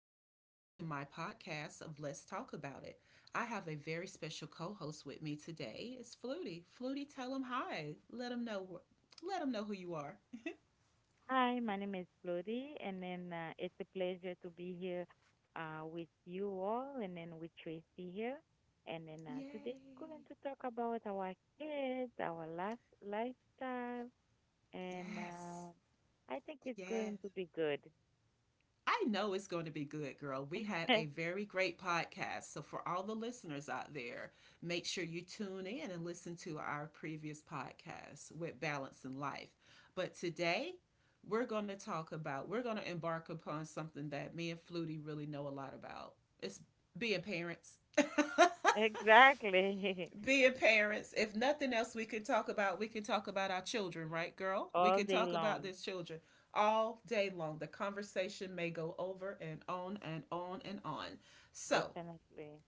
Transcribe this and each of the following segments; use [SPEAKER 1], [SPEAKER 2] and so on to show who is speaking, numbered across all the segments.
[SPEAKER 1] Welcome back to my podcast of Let's Talk About It. I have a very special co-host with me today. It's Flutie. Flutie, tell him hi. Let him know. Let him know who you are.
[SPEAKER 2] Hi, my name is Bloody, and then it's a pleasure to be here with you all, and then with Tracy here. And then today I'm going
[SPEAKER 1] Yay!
[SPEAKER 2] to talk about our kids, our life, lifestyle, and
[SPEAKER 1] Yes,
[SPEAKER 2] I think it's
[SPEAKER 1] yes.
[SPEAKER 2] going to be good.
[SPEAKER 1] I know it's going to be good, girl. We had a very great podcast. So, for all the listeners out there, make sure you tune in and listen to our previous podcast with Balance in Life. But today, we're going to talk about, we're going to embark upon something that me and Flutie really know a lot about. It's being parents.
[SPEAKER 2] Exactly.
[SPEAKER 1] Being parents, if nothing else we can talk about, we can talk about our children, right, girl? We
[SPEAKER 2] All
[SPEAKER 1] can
[SPEAKER 2] day
[SPEAKER 1] talk about
[SPEAKER 2] long.
[SPEAKER 1] these children all day long. The conversation may go over and on and on and on. So,
[SPEAKER 2] Definitely.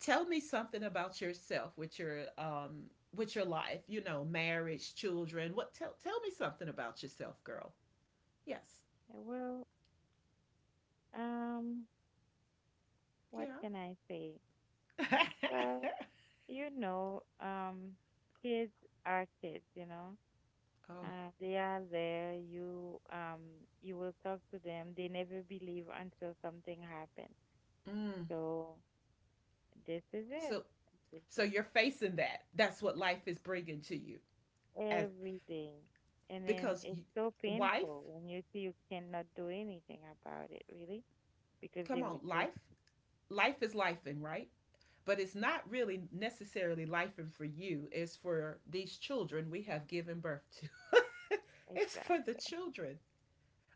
[SPEAKER 1] tell me something about yourself with your life, you know, marriage, children. What tell me something about yourself, girl. Yes.
[SPEAKER 2] Well, um, what
[SPEAKER 1] Yeah.
[SPEAKER 2] can I say? Well, you know, um, kids are kids.
[SPEAKER 1] Oh.
[SPEAKER 2] They are there. You will talk to them. They never believe until something happens.
[SPEAKER 1] Mm.
[SPEAKER 2] So this is it.
[SPEAKER 1] So
[SPEAKER 2] This is
[SPEAKER 1] you're facing that. That's what life is bringing to you as
[SPEAKER 2] every day. And then
[SPEAKER 1] because
[SPEAKER 2] it's
[SPEAKER 1] you,
[SPEAKER 2] so
[SPEAKER 1] wife,
[SPEAKER 2] painful when you see you cannot do anything about it, really, because
[SPEAKER 1] come
[SPEAKER 2] they
[SPEAKER 1] on,
[SPEAKER 2] would just.
[SPEAKER 1] life. Life is lifing, right? But it's not really necessarily lifing for you. It's for these children we have given birth to. It's for the
[SPEAKER 2] Exactly.
[SPEAKER 1] children.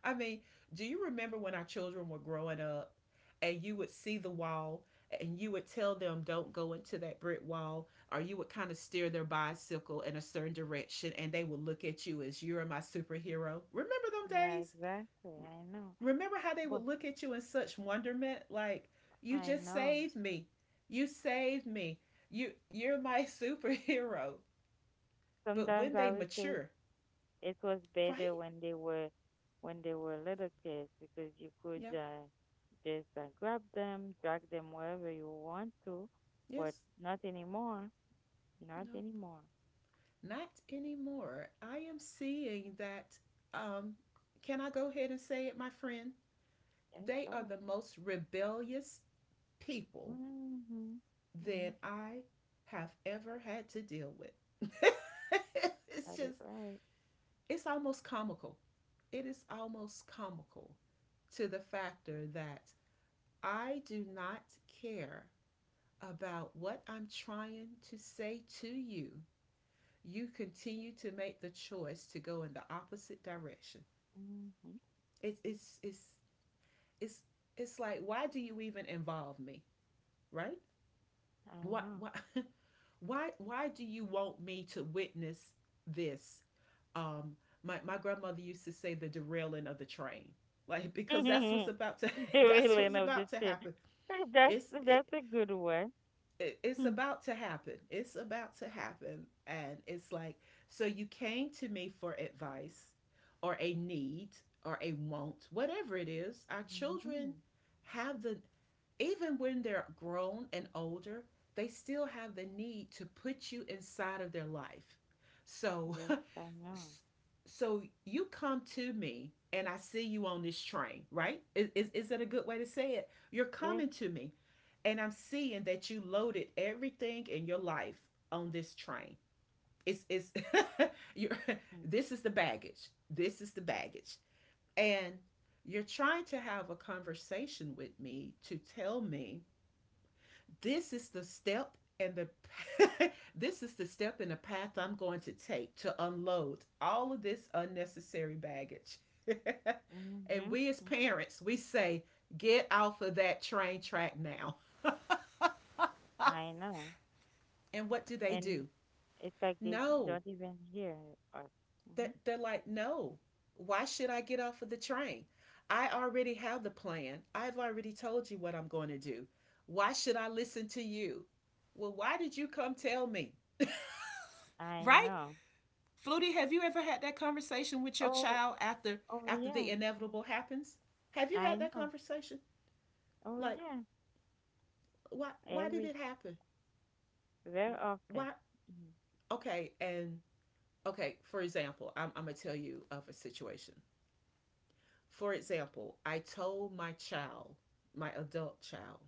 [SPEAKER 1] I mean, do you remember when our children were growing up and you would see the wall and you would tell them don't go into that brick wall, or you would kind of steer their bicycle in a certain direction and they would look at you as you're my superhero? Remember them
[SPEAKER 2] Yeah,
[SPEAKER 1] days?
[SPEAKER 2] exactly. I know.
[SPEAKER 1] Remember how they would
[SPEAKER 2] But
[SPEAKER 1] look at you in such wonderment like you
[SPEAKER 2] I
[SPEAKER 1] just
[SPEAKER 2] know.
[SPEAKER 1] saved me. You saved me. You're my superhero. But
[SPEAKER 2] Sometimes
[SPEAKER 1] when they
[SPEAKER 2] I would say,
[SPEAKER 1] mature,
[SPEAKER 2] it was
[SPEAKER 1] right?
[SPEAKER 2] better when they were little kids because you could
[SPEAKER 1] Yeah.
[SPEAKER 2] just grab them, drag them wherever you want to, but
[SPEAKER 1] Yes.
[SPEAKER 2] not anymore. Not
[SPEAKER 1] Nope.
[SPEAKER 2] anymore.
[SPEAKER 1] Not anymore. I am seeing that um can I go ahead and say it, my friend?
[SPEAKER 2] Yes,
[SPEAKER 1] They are
[SPEAKER 2] sure.
[SPEAKER 1] the most rebellious people
[SPEAKER 2] Mm-hmm. Mm-hmm.
[SPEAKER 1] that I have ever had to deal with. It's
[SPEAKER 2] Got
[SPEAKER 1] just
[SPEAKER 2] it right.
[SPEAKER 1] it's almost comical. It is almost comical to the factor that I do not care about what I'm trying to say to you. You continue to make the choice to go in the opposite direction.
[SPEAKER 2] Mm-hmm.
[SPEAKER 1] It's it's it's like why do you even involve me, right? Why
[SPEAKER 2] I
[SPEAKER 1] why why do you want me to witness this um my grandmother used to say the derailing of the train like because that's what's
[SPEAKER 2] know.
[SPEAKER 1] about to
[SPEAKER 2] The
[SPEAKER 1] that's
[SPEAKER 2] reeling
[SPEAKER 1] what's
[SPEAKER 2] of the
[SPEAKER 1] about to
[SPEAKER 2] chin.
[SPEAKER 1] happen
[SPEAKER 2] That's
[SPEAKER 1] it's
[SPEAKER 2] that's
[SPEAKER 1] it,
[SPEAKER 2] a good one.
[SPEAKER 1] it's about to happen, and it's like so you came to me for advice or a need or a want, whatever it is. Our children
[SPEAKER 2] Mm-hmm.
[SPEAKER 1] have the, even when they're grown and older, they still have the need to put you inside of their life. so
[SPEAKER 2] Yes, I know.
[SPEAKER 1] so you come to me and I see you on this train, right? Is that a good way to say it? You're
[SPEAKER 2] Yes.
[SPEAKER 1] coming to me and I'm seeing that you loaded everything in your life on this train. It's you're,
[SPEAKER 2] Mm-hmm.
[SPEAKER 1] this is the baggage. This is the baggage. And you're trying to have a conversation with me to tell me this is the step and the this is the step and the path I'm going to take to unload all of this unnecessary baggage.
[SPEAKER 2] Mm-hmm.
[SPEAKER 1] And we as parents, we say, get off of that train track now.
[SPEAKER 2] I know.
[SPEAKER 1] And what do they
[SPEAKER 2] And
[SPEAKER 1] do?
[SPEAKER 2] it's like they
[SPEAKER 1] No.
[SPEAKER 2] don't even hear us. Hmm.
[SPEAKER 1] They're like, no, why should I get off of the train? I already have the plan. I've already told you what I'm going to do. Why should I listen to you? Well, why did you come tell me?
[SPEAKER 2] I
[SPEAKER 1] Right?
[SPEAKER 2] know.
[SPEAKER 1] Flutie, have you ever had that conversation with your
[SPEAKER 2] Oh,
[SPEAKER 1] child after
[SPEAKER 2] oh
[SPEAKER 1] the
[SPEAKER 2] yeah.
[SPEAKER 1] inevitable happens? Have you
[SPEAKER 2] I
[SPEAKER 1] had that
[SPEAKER 2] know.
[SPEAKER 1] conversation?
[SPEAKER 2] Oh
[SPEAKER 1] Like,
[SPEAKER 2] yeah.
[SPEAKER 1] why did
[SPEAKER 2] Every
[SPEAKER 1] it happen?
[SPEAKER 2] very often.
[SPEAKER 1] Why? Okay, and okay. For example, I'm gonna tell you of a situation. For example, I told my child, my adult child,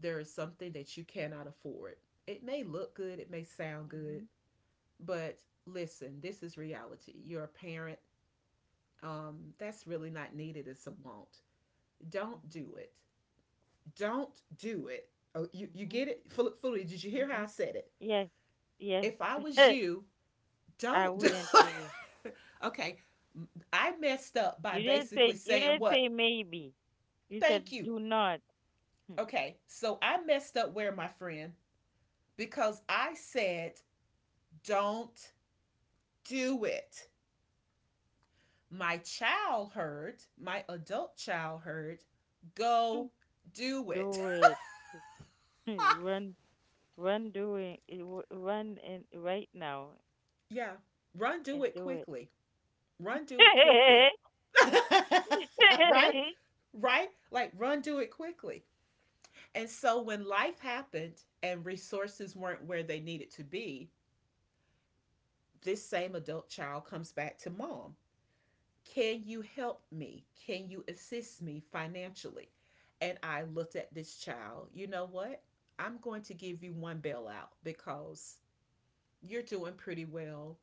[SPEAKER 1] there is something that you cannot afford. It may look good, it may sound good,
[SPEAKER 2] Mm-hmm.
[SPEAKER 1] but listen, this is reality. You're a parent. That's really not needed. It's a will. Don't do it. Don't do it. Oh, you
[SPEAKER 2] Mm-hmm.
[SPEAKER 1] get it? Fully, did you
[SPEAKER 2] Mm-hmm.
[SPEAKER 1] hear
[SPEAKER 2] Mm-hmm.
[SPEAKER 1] how
[SPEAKER 2] Mm-hmm.
[SPEAKER 1] I said it?
[SPEAKER 2] Yes.
[SPEAKER 1] If I was
[SPEAKER 2] Yes.
[SPEAKER 1] you,
[SPEAKER 2] I
[SPEAKER 1] don't do
[SPEAKER 2] wouldn't
[SPEAKER 1] it.
[SPEAKER 2] do it.
[SPEAKER 1] Okay, I messed up by
[SPEAKER 2] You didn't
[SPEAKER 1] basically
[SPEAKER 2] say. You
[SPEAKER 1] saying
[SPEAKER 2] didn't
[SPEAKER 1] what?
[SPEAKER 2] say maybe. You
[SPEAKER 1] Thank
[SPEAKER 2] said
[SPEAKER 1] you.
[SPEAKER 2] do not.
[SPEAKER 1] Okay, so I messed up where, my friend? Because I said, don't do it. My child heard, my adult child heard, go do it.
[SPEAKER 2] Do it. Run. Run. Doing. Run and right now
[SPEAKER 1] Yeah, run, do
[SPEAKER 2] and
[SPEAKER 1] it
[SPEAKER 2] do it.
[SPEAKER 1] quickly. Run, do it quickly. Right? Right? Like run do it quickly. And so when life happened and resources weren't where they needed to be, this same adult child comes back to mom. Can you help me? Can you assist me financially? And I looked at this child, you know what? I'm going to give you one bailout because you're doing pretty well.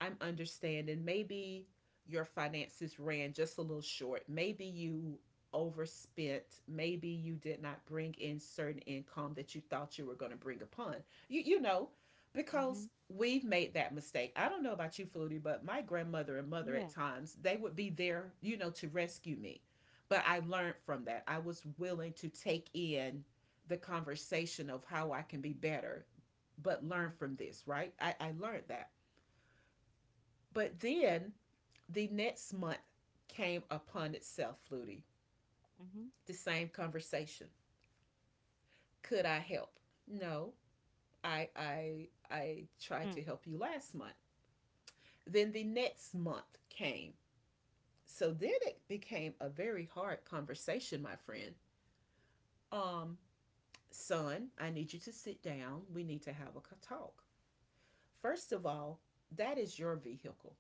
[SPEAKER 1] I'm understanding. Maybe your finances ran just a little short. Maybe you overspent. Maybe you did not bring in certain income that you thought you were going to bring upon. You know, because
[SPEAKER 2] Mhm.
[SPEAKER 1] we've made that mistake. I don't know about you, Flutie, but my grandmother and mother at
[SPEAKER 2] Yeah.
[SPEAKER 1] times they would be there, you know, to rescue me. But I learned from that. I was willing to take in the conversation of how I can be better but learn
[SPEAKER 2] Mhm.
[SPEAKER 1] from this, right? I learned that. But then the next month came upon itself, Flutie.
[SPEAKER 2] Mhm.
[SPEAKER 1] The same conversation. Could I help? No, I I tried
[SPEAKER 2] Mm.
[SPEAKER 1] to help you last month. Then the next month came. So then it became a very hard conversation, my friend. Um, son, I need you to sit down. We need to have a talk. First of all, that is your vehicle.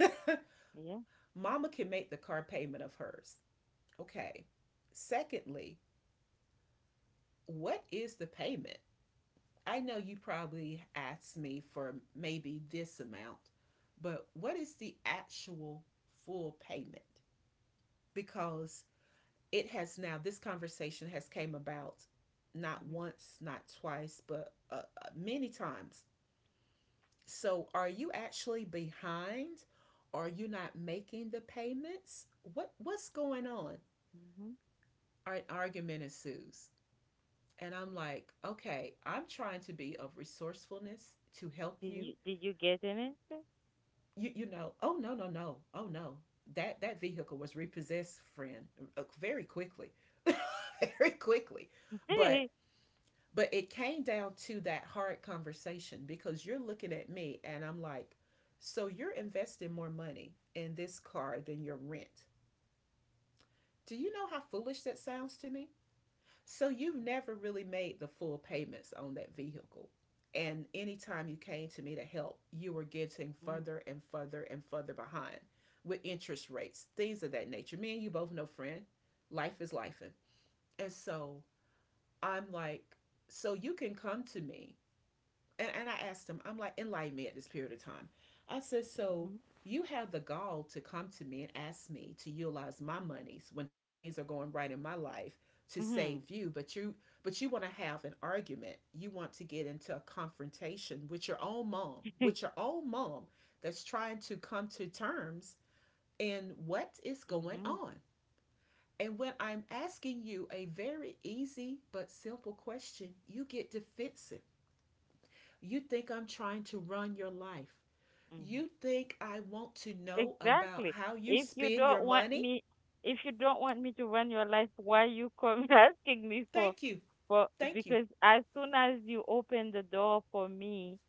[SPEAKER 2] Yeah.
[SPEAKER 1] Mama can make the car payment of hers. Okay. Secondly, what is the payment? I know you probably asked me for maybe this amount, but what is the actual full payment? Because it has now this conversation has came about not
[SPEAKER 2] Mhm.
[SPEAKER 1] once, not twice, but many times. So are you actually behind? Are you not making the payments? What's going on?
[SPEAKER 2] Mhm.
[SPEAKER 1] An argument ensues. And I'm like, okay, I'm trying to be of resourcefulness to help
[SPEAKER 2] Did
[SPEAKER 1] you.
[SPEAKER 2] you did you get an answer?
[SPEAKER 1] You know, oh no, no, no, oh no. That vehicle was repossessed, friend, very quickly, very quickly. But it came down to that hard conversation because you're looking at me and I'm like, so you're investing more money in this car than your rent. Do you know how foolish that sounds to me? So you've never really made the full payments on that vehicle. And anytime you came to me to help, you were getting
[SPEAKER 2] Mhm.
[SPEAKER 1] further and further and further behind with interest rates, things of that nature. Me and you both know, friend, life is life. And so I'm like, so you can come to me and I asked him, I'm like, enlighten me at this period of time. I said,
[SPEAKER 2] Mhm.
[SPEAKER 1] so you have the gall to come to me and ask me to utilize my monies when things are going right in my life to save
[SPEAKER 2] Mhm.
[SPEAKER 1] you, but you want to have an argument. You want to get into a confrontation with your own mom, with your own mom that's trying to come to terms in what is
[SPEAKER 2] Mhm.
[SPEAKER 1] going
[SPEAKER 2] Mhm.
[SPEAKER 1] on. And when I'm asking you a very easy but simple question, you get defensive. You think I'm trying to run your life. You think I want to know about
[SPEAKER 2] Exactly.
[SPEAKER 1] how you
[SPEAKER 2] If you
[SPEAKER 1] spend your
[SPEAKER 2] don't want
[SPEAKER 1] money?
[SPEAKER 2] me, if you don't want me to run your life, why you come asking me for
[SPEAKER 1] Thank you.
[SPEAKER 2] for
[SPEAKER 1] Thank you.
[SPEAKER 2] because as soon as you open the door for me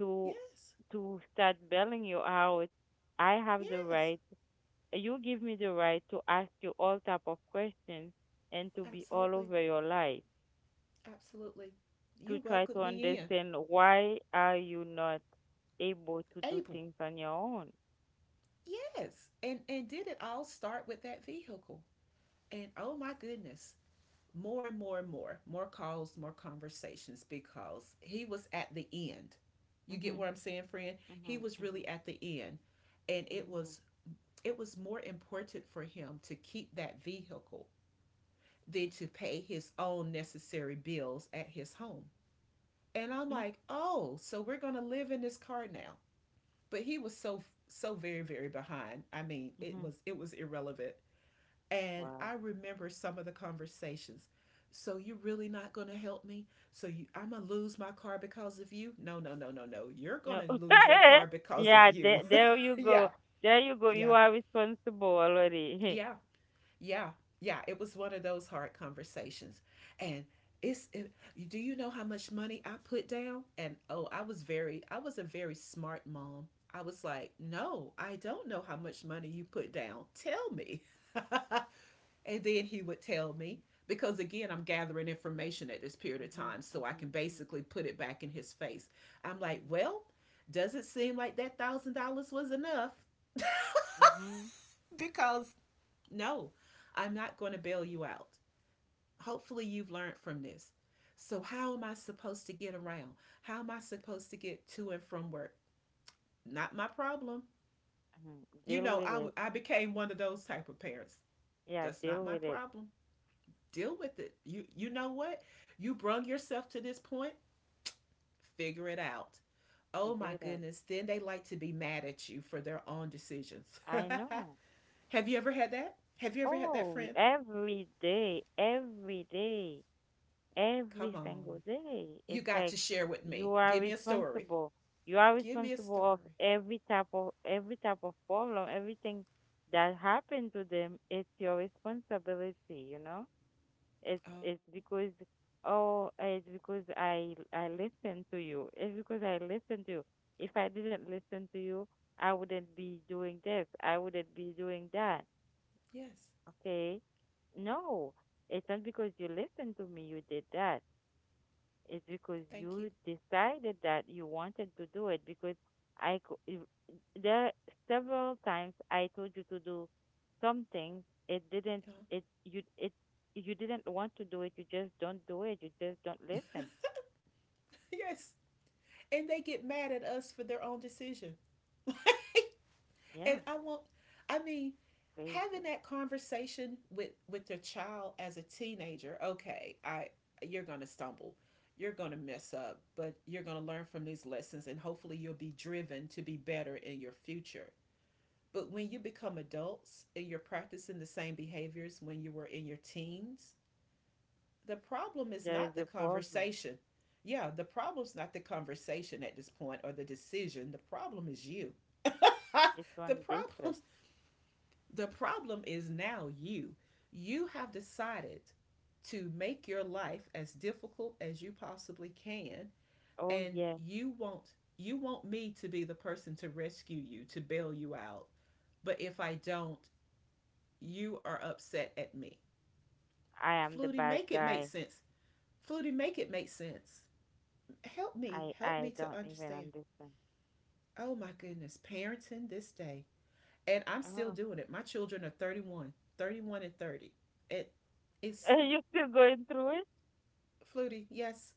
[SPEAKER 2] to
[SPEAKER 1] Yes.
[SPEAKER 2] to start bailing you out, I have the
[SPEAKER 1] Yes.
[SPEAKER 2] right you give me the right to ask you all type of questions and to be all
[SPEAKER 1] Absolutely.
[SPEAKER 2] over your life
[SPEAKER 1] Absolutely.
[SPEAKER 2] to
[SPEAKER 1] You
[SPEAKER 2] try to
[SPEAKER 1] welcomed me in.
[SPEAKER 2] understand why are you not able to do
[SPEAKER 1] Able.
[SPEAKER 2] things on your own.
[SPEAKER 1] Yes. And did it all start with that vehicle? And oh my goodness, more and more and more, more calls, more conversations because he was at the end. You get
[SPEAKER 2] Mm-hmm,
[SPEAKER 1] what I'm saying, friend? He
[SPEAKER 2] mm-hmm,
[SPEAKER 1] was
[SPEAKER 2] mm-hmm,
[SPEAKER 1] really at the end. And it was more important for him to keep that vehicle than to pay his own necessary bills at his home. And I'm
[SPEAKER 2] mm-hmm,
[SPEAKER 1] like, oh, so we're going to live in this car now. But he was so, so very, very behind. I mean,
[SPEAKER 2] mm-hmm.
[SPEAKER 1] it was irrelevant. And I
[SPEAKER 2] Wow.
[SPEAKER 1] remember some of the conversations. So you're really not going to help me? I'm going to lose my car because of you? No, no, no, no, no. You're
[SPEAKER 2] No.
[SPEAKER 1] going to lose your car because of
[SPEAKER 2] Yeah, there,
[SPEAKER 1] you.
[SPEAKER 2] there you
[SPEAKER 1] Yeah,
[SPEAKER 2] go, there you go, you
[SPEAKER 1] yeah,
[SPEAKER 2] are responsible already.
[SPEAKER 1] yeah. Yeah, yeah, it was one of those hard conversations. And it's it, do you know how much money I put down? And oh, I was a very smart mom. I was like, "No, I don't know how much money you put down. Tell me." And then he would tell
[SPEAKER 2] Mm-hmm,
[SPEAKER 1] me because again, I'm gathering information at this period of
[SPEAKER 2] mm-hmm,
[SPEAKER 1] time so I
[SPEAKER 2] mm-hmm,
[SPEAKER 1] can basically put it back in his face. I'm like, "Well, doesn't seem like that $1,000 was enough
[SPEAKER 2] mm-hmm, mm-hmm,
[SPEAKER 1] because no, I'm not going to bail you out. Hopefully you've learned from this. So, how am I supposed to get around? How am I supposed to get to and from work? Not my problem.
[SPEAKER 2] mm-hmm. Deal with
[SPEAKER 1] I,
[SPEAKER 2] it.
[SPEAKER 1] I became one of those type of parents.
[SPEAKER 2] Yeah,
[SPEAKER 1] That's not
[SPEAKER 2] deal
[SPEAKER 1] my
[SPEAKER 2] with it.
[SPEAKER 1] problem. Deal with it. You know what? You brung yourself to this point. Figure it out. Oh
[SPEAKER 2] Figure
[SPEAKER 1] my
[SPEAKER 2] it out.
[SPEAKER 1] goodness. Then they like to be mad at you for their own decisions.
[SPEAKER 2] I know.
[SPEAKER 1] Have you ever had that? Have you ever had that
[SPEAKER 2] Oh,
[SPEAKER 1] friend?
[SPEAKER 2] every day, every day,
[SPEAKER 1] Come
[SPEAKER 2] every single
[SPEAKER 1] on.
[SPEAKER 2] day.
[SPEAKER 1] You
[SPEAKER 2] It's
[SPEAKER 1] got
[SPEAKER 2] like
[SPEAKER 1] to share with me.
[SPEAKER 2] you are
[SPEAKER 1] Give me a story.
[SPEAKER 2] responsible. You are
[SPEAKER 1] Give me a
[SPEAKER 2] responsible of
[SPEAKER 1] story.
[SPEAKER 2] every type of problem, everything that happened to them. It's your responsibility, you know? It's
[SPEAKER 1] Oh,
[SPEAKER 2] it's because I listened to you. It's because I listened to you. If I didn't listen to you, I wouldn't be doing this. I wouldn't be doing that.
[SPEAKER 1] yes.
[SPEAKER 2] Okay. No, it's not because you listened to me, you did that. It's because
[SPEAKER 1] Thank you.
[SPEAKER 2] you decided that you wanted to do it because I co- if- there several times I told you to do something. It didn't
[SPEAKER 1] Uh-huh.
[SPEAKER 2] it you didn't want to do it. You just don't do it. You just don't listen.
[SPEAKER 1] Yes. And they get mad at us for their own decision.
[SPEAKER 2] Yeah,
[SPEAKER 1] And I want, I mean,
[SPEAKER 2] crazy.
[SPEAKER 1] having that conversation with their child as a teenager. Okay, I you're gonna stumble, you're gonna mess up, but you're gonna learn from these lessons, and hopefully you'll be driven to be better in your future. But when you become adults and you're practicing the same behaviors when you were in your teens, the problem is
[SPEAKER 2] There
[SPEAKER 1] not
[SPEAKER 2] is
[SPEAKER 1] the
[SPEAKER 2] a problem.
[SPEAKER 1] conversation. Yeah, the problem's not the conversation at this point or the decision. The problem is you.
[SPEAKER 2] It's
[SPEAKER 1] the
[SPEAKER 2] one deeper.
[SPEAKER 1] problems the problem is now you. You have decided to make your life as difficult as you possibly can
[SPEAKER 2] Oh
[SPEAKER 1] and
[SPEAKER 2] yeah,
[SPEAKER 1] you want me to be the person to rescue you, to bail you out. But if I don't, you are upset at me.
[SPEAKER 2] I am the
[SPEAKER 1] Flutie,
[SPEAKER 2] bad
[SPEAKER 1] make it make
[SPEAKER 2] guy.
[SPEAKER 1] sense. Flutie, make it make sense. Help me,
[SPEAKER 2] I
[SPEAKER 1] help
[SPEAKER 2] I
[SPEAKER 1] me to
[SPEAKER 2] don't even
[SPEAKER 1] understand.
[SPEAKER 2] understand.
[SPEAKER 1] Oh my goodness, parenting this day. And I'm still
[SPEAKER 2] Oh.
[SPEAKER 1] doing it. My children are 31, 31, and 30. It it's
[SPEAKER 2] Are you still going through it?
[SPEAKER 1] flutie, yes.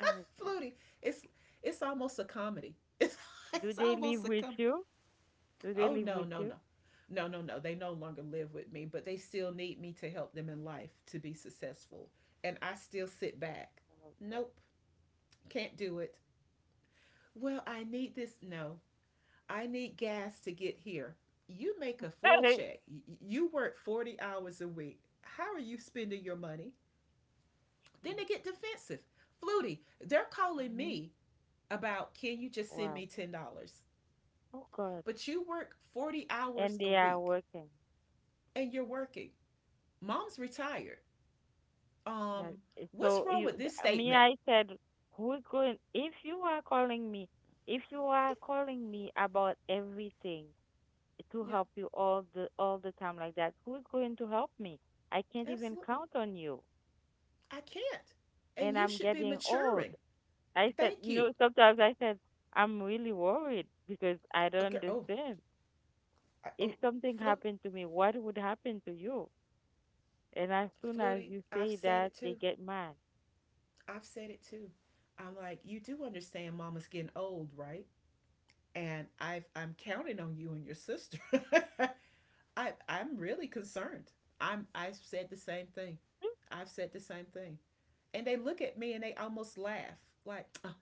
[SPEAKER 2] Oh, God.
[SPEAKER 1] Flutie. It's it's almost a comedy. It's,
[SPEAKER 2] Do
[SPEAKER 1] it's
[SPEAKER 2] they live
[SPEAKER 1] almost a
[SPEAKER 2] with
[SPEAKER 1] com
[SPEAKER 2] you? Do they
[SPEAKER 1] Oh
[SPEAKER 2] live
[SPEAKER 1] no,
[SPEAKER 2] with
[SPEAKER 1] no,
[SPEAKER 2] you?
[SPEAKER 1] no. No, no, no. They no longer live with me, but they still need me to help them in life to be successful. And I still sit back.
[SPEAKER 2] Oh,
[SPEAKER 1] Nope, can't do it. Well, I need this. No, I need gas to get here. You make a full
[SPEAKER 2] God.
[SPEAKER 1] check. You work 40 hours a week. How are you spending your money? Then they get defensive. Flutie, they're calling
[SPEAKER 2] Mhm.
[SPEAKER 1] me about can you just send
[SPEAKER 2] Wow.
[SPEAKER 1] me $10?
[SPEAKER 2] Oh God.
[SPEAKER 1] But you work 40
[SPEAKER 2] And
[SPEAKER 1] hours a
[SPEAKER 2] they are
[SPEAKER 1] week
[SPEAKER 2] working.
[SPEAKER 1] and you're working. Mom's retired. Um,
[SPEAKER 2] That-
[SPEAKER 1] what's
[SPEAKER 2] So
[SPEAKER 1] wrong with this
[SPEAKER 2] me,
[SPEAKER 1] statement?
[SPEAKER 2] I said, who's going? If you are calling me, if you are calling me about everything to
[SPEAKER 1] Yeah,
[SPEAKER 2] help you all the time like that, who's going to help me? I can't even
[SPEAKER 1] absolutely.
[SPEAKER 2] count on you,
[SPEAKER 1] I can't.
[SPEAKER 2] and
[SPEAKER 1] And you
[SPEAKER 2] I'm
[SPEAKER 1] should be
[SPEAKER 2] getting old.
[SPEAKER 1] maturing.
[SPEAKER 2] I said,
[SPEAKER 1] Thank you.
[SPEAKER 2] no, sometimes I said, I'm really worried because I don't
[SPEAKER 1] Okay. Oh,
[SPEAKER 2] understand.
[SPEAKER 1] I,
[SPEAKER 2] If
[SPEAKER 1] oh,
[SPEAKER 2] something
[SPEAKER 1] Flu,
[SPEAKER 2] happened to me, what would happen to you? And as soon as
[SPEAKER 1] Flutie,
[SPEAKER 2] you
[SPEAKER 1] I've
[SPEAKER 2] say
[SPEAKER 1] said
[SPEAKER 2] that,
[SPEAKER 1] it
[SPEAKER 2] they
[SPEAKER 1] too.
[SPEAKER 2] get mad.
[SPEAKER 1] I've said it too. I'm like, you do understand mama's getting old, right? And I'm counting on you and your sister. I'm really concerned. I've said the same thing. I've said the same thing. And they look at me and they almost laugh. Like, "Ugh,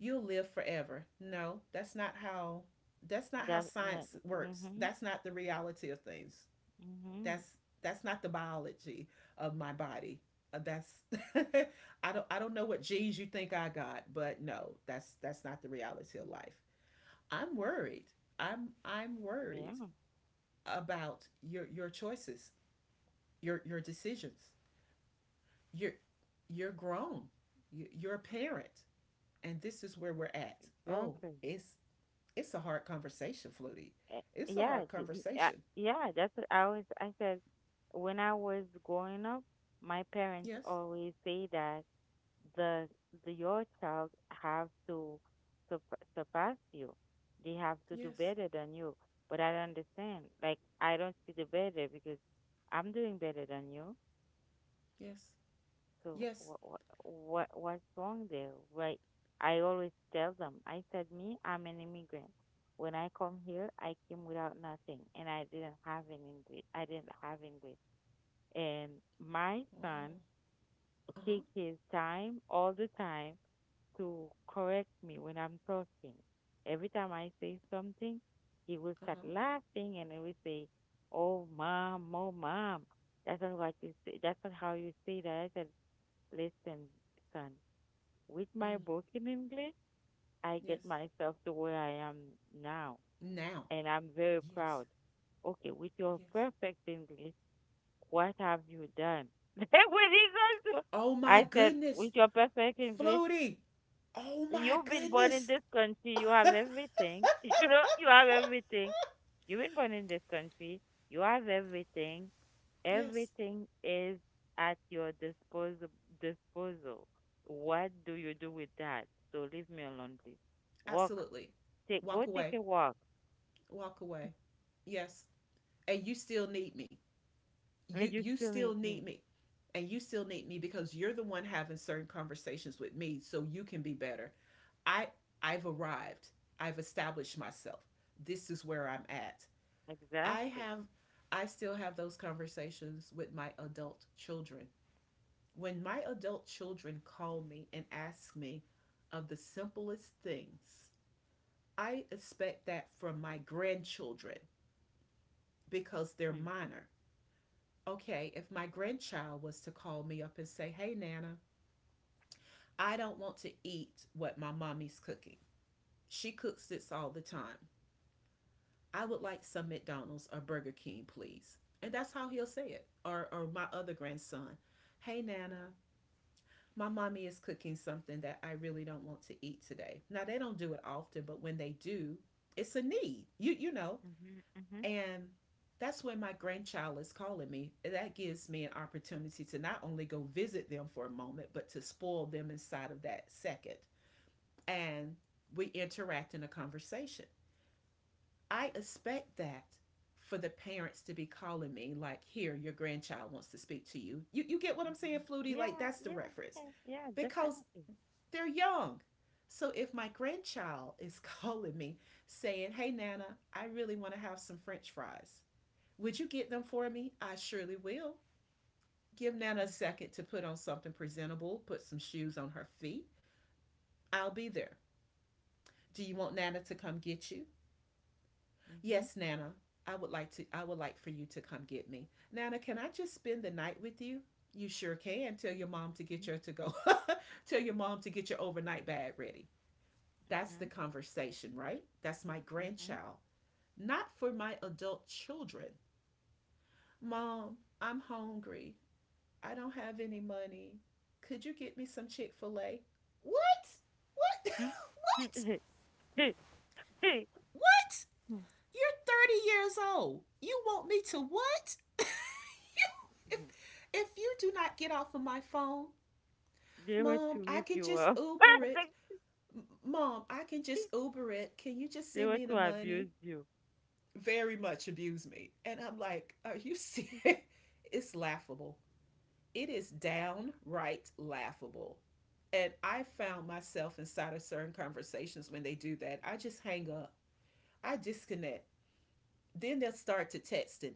[SPEAKER 1] you'll live forever. No, that's not how
[SPEAKER 2] That, like,
[SPEAKER 1] science works.
[SPEAKER 2] mm-hmm,
[SPEAKER 1] That's not the reality of things
[SPEAKER 2] mm-hmm.
[SPEAKER 1] that's that's not the biology of my body. That's I don't know what genes you think I got, but no, that's not the reality of life. I'm worried. I'm worried
[SPEAKER 2] Yeah,
[SPEAKER 1] about your choices, your decisions. You're you're grown. You're a parent, and this is where we're at. Oh,
[SPEAKER 2] exactly.
[SPEAKER 1] it's a hard conversation, Flutie.
[SPEAKER 2] Eh,
[SPEAKER 1] It's a
[SPEAKER 2] Yeah,
[SPEAKER 1] hard conversation.
[SPEAKER 2] yeah, that's what I said, when I was growing up, my parents
[SPEAKER 1] Yes.
[SPEAKER 2] always say that the, the your child have to surpass you. They have to do
[SPEAKER 1] Yes.
[SPEAKER 2] better than you. But I don't understand. Like I don't see the better because I'm doing better than you.
[SPEAKER 1] Yes.
[SPEAKER 2] So
[SPEAKER 1] Yes.
[SPEAKER 2] what's wrong there? Right? I always tell them. I said me, I'm an immigrant. When I come here, I came without nothing, and I didn't have an English. I didn't have English. And my
[SPEAKER 1] Wow.
[SPEAKER 2] son
[SPEAKER 1] Uh huh.
[SPEAKER 2] take his time all the time to correct me when I'm talking. Every time I say something, he will
[SPEAKER 1] Uh
[SPEAKER 2] start
[SPEAKER 1] huh.
[SPEAKER 2] laughing and he will say, "Oh, mom, oh, mom." That's not what you say. That's not how you say that. I said, "Listen, son. With my
[SPEAKER 1] Mm.
[SPEAKER 2] book in English, I get
[SPEAKER 1] Yes.
[SPEAKER 2] myself to where I am now,
[SPEAKER 1] Now.
[SPEAKER 2] and I'm very
[SPEAKER 1] Yes.
[SPEAKER 2] proud." Okay, with your
[SPEAKER 1] Yes.
[SPEAKER 2] perfect English, what have you done? When he goes to,
[SPEAKER 1] Oh my
[SPEAKER 2] I said,
[SPEAKER 1] goodness,
[SPEAKER 2] with your perfect English.
[SPEAKER 1] Flutie. Oh my
[SPEAKER 2] You've been born in
[SPEAKER 1] goodness.
[SPEAKER 2] this country. You have everything. You know, you have everything. You've been born in this country. You have everything.
[SPEAKER 1] Yes,
[SPEAKER 2] Everything is at your disposal. Disposal. What do you do with that? So leave me alone, please. Walk.
[SPEAKER 1] absolutely.
[SPEAKER 2] Take. Go
[SPEAKER 1] Walk
[SPEAKER 2] take
[SPEAKER 1] away.
[SPEAKER 2] a walk.
[SPEAKER 1] Walk away. Yes. And you still need me. You
[SPEAKER 2] And you
[SPEAKER 1] you
[SPEAKER 2] still
[SPEAKER 1] still
[SPEAKER 2] need me.
[SPEAKER 1] need me. And you still need me because you're the one having certain conversations with me so you can be better. I I've arrived. I've established myself. This is where I'm at. I
[SPEAKER 2] Exactly.
[SPEAKER 1] have I still have those conversations with my adult children. When my adult children call me and ask me of the simplest things, I expect that from my grandchildren because they're
[SPEAKER 2] Mm.
[SPEAKER 1] minor. Okay, if my grandchild was to call me up and say, "Hey, Nana, I don't want to eat what my mommy's cooking. She cooks this all the time. I would like some McDonald's or Burger King, please." And that's how he'll say it. Or my other grandson, "Hey, Nana, my mommy is cooking something that I really don't want to eat today." Now, they don't do it often, but when they do, it's a need, you know.
[SPEAKER 2] Mhm. Mhm.
[SPEAKER 1] And that's when my grandchild is calling me. That gives me an opportunity to not only go visit them for a moment, but to spoil them inside of that second. And we interact in a conversation. I expect that for the parents to be calling me like, "Here your grandchild wants to speak to you." You get what I'm saying,
[SPEAKER 2] Mhm.
[SPEAKER 1] Flutie? Like
[SPEAKER 2] Yeah.
[SPEAKER 1] that's the
[SPEAKER 2] Yeah.
[SPEAKER 1] reference
[SPEAKER 2] Yeah. Yeah.
[SPEAKER 1] because
[SPEAKER 2] Definitely.
[SPEAKER 1] they're young. So if my grandchild is calling me saying, "Hey, Nana, I really want to have some french fries. Would you get them for me?" I surely will. Give Nana a
[SPEAKER 2] Mhm.
[SPEAKER 1] second to put on something presentable, put some shoes on her feet. I'll be there. Do you want Nana to come get you?
[SPEAKER 2] Mhm.
[SPEAKER 1] Yes, Nana. I would like for you to come get me. Nana, can I just spend the night with you? You sure can. Tell your mom to get your to go. Tell your mom to get your overnight bag ready. That's the
[SPEAKER 2] Mhm.
[SPEAKER 1] conversation, right? That's my
[SPEAKER 2] Mhm.
[SPEAKER 1] grandchild. Not for my adult children. Mom, I'm hungry. I don't have any money. Could you get me some Chick-fil-A? What? What?
[SPEAKER 2] Mhm. Hmm?
[SPEAKER 1] What?
[SPEAKER 2] They, they,
[SPEAKER 1] What? You're 30 years old. You want me to what? You, if, if you do not get off of my phone,
[SPEAKER 2] They were
[SPEAKER 1] Mom,
[SPEAKER 2] to
[SPEAKER 1] I
[SPEAKER 2] whip
[SPEAKER 1] can
[SPEAKER 2] you
[SPEAKER 1] just
[SPEAKER 2] up.
[SPEAKER 1] Uber it. Mom, I can just Uber it. Can you just
[SPEAKER 2] They
[SPEAKER 1] send
[SPEAKER 2] were
[SPEAKER 1] me the
[SPEAKER 2] to
[SPEAKER 1] money?
[SPEAKER 2] abuse you.
[SPEAKER 1] Very much abuse me. And I'm like, are you serious? It's laughable. It is downright laughable. And I found myself inside of certain conversations when they do that. I just hang up. I disconnect. Then they'll start to text and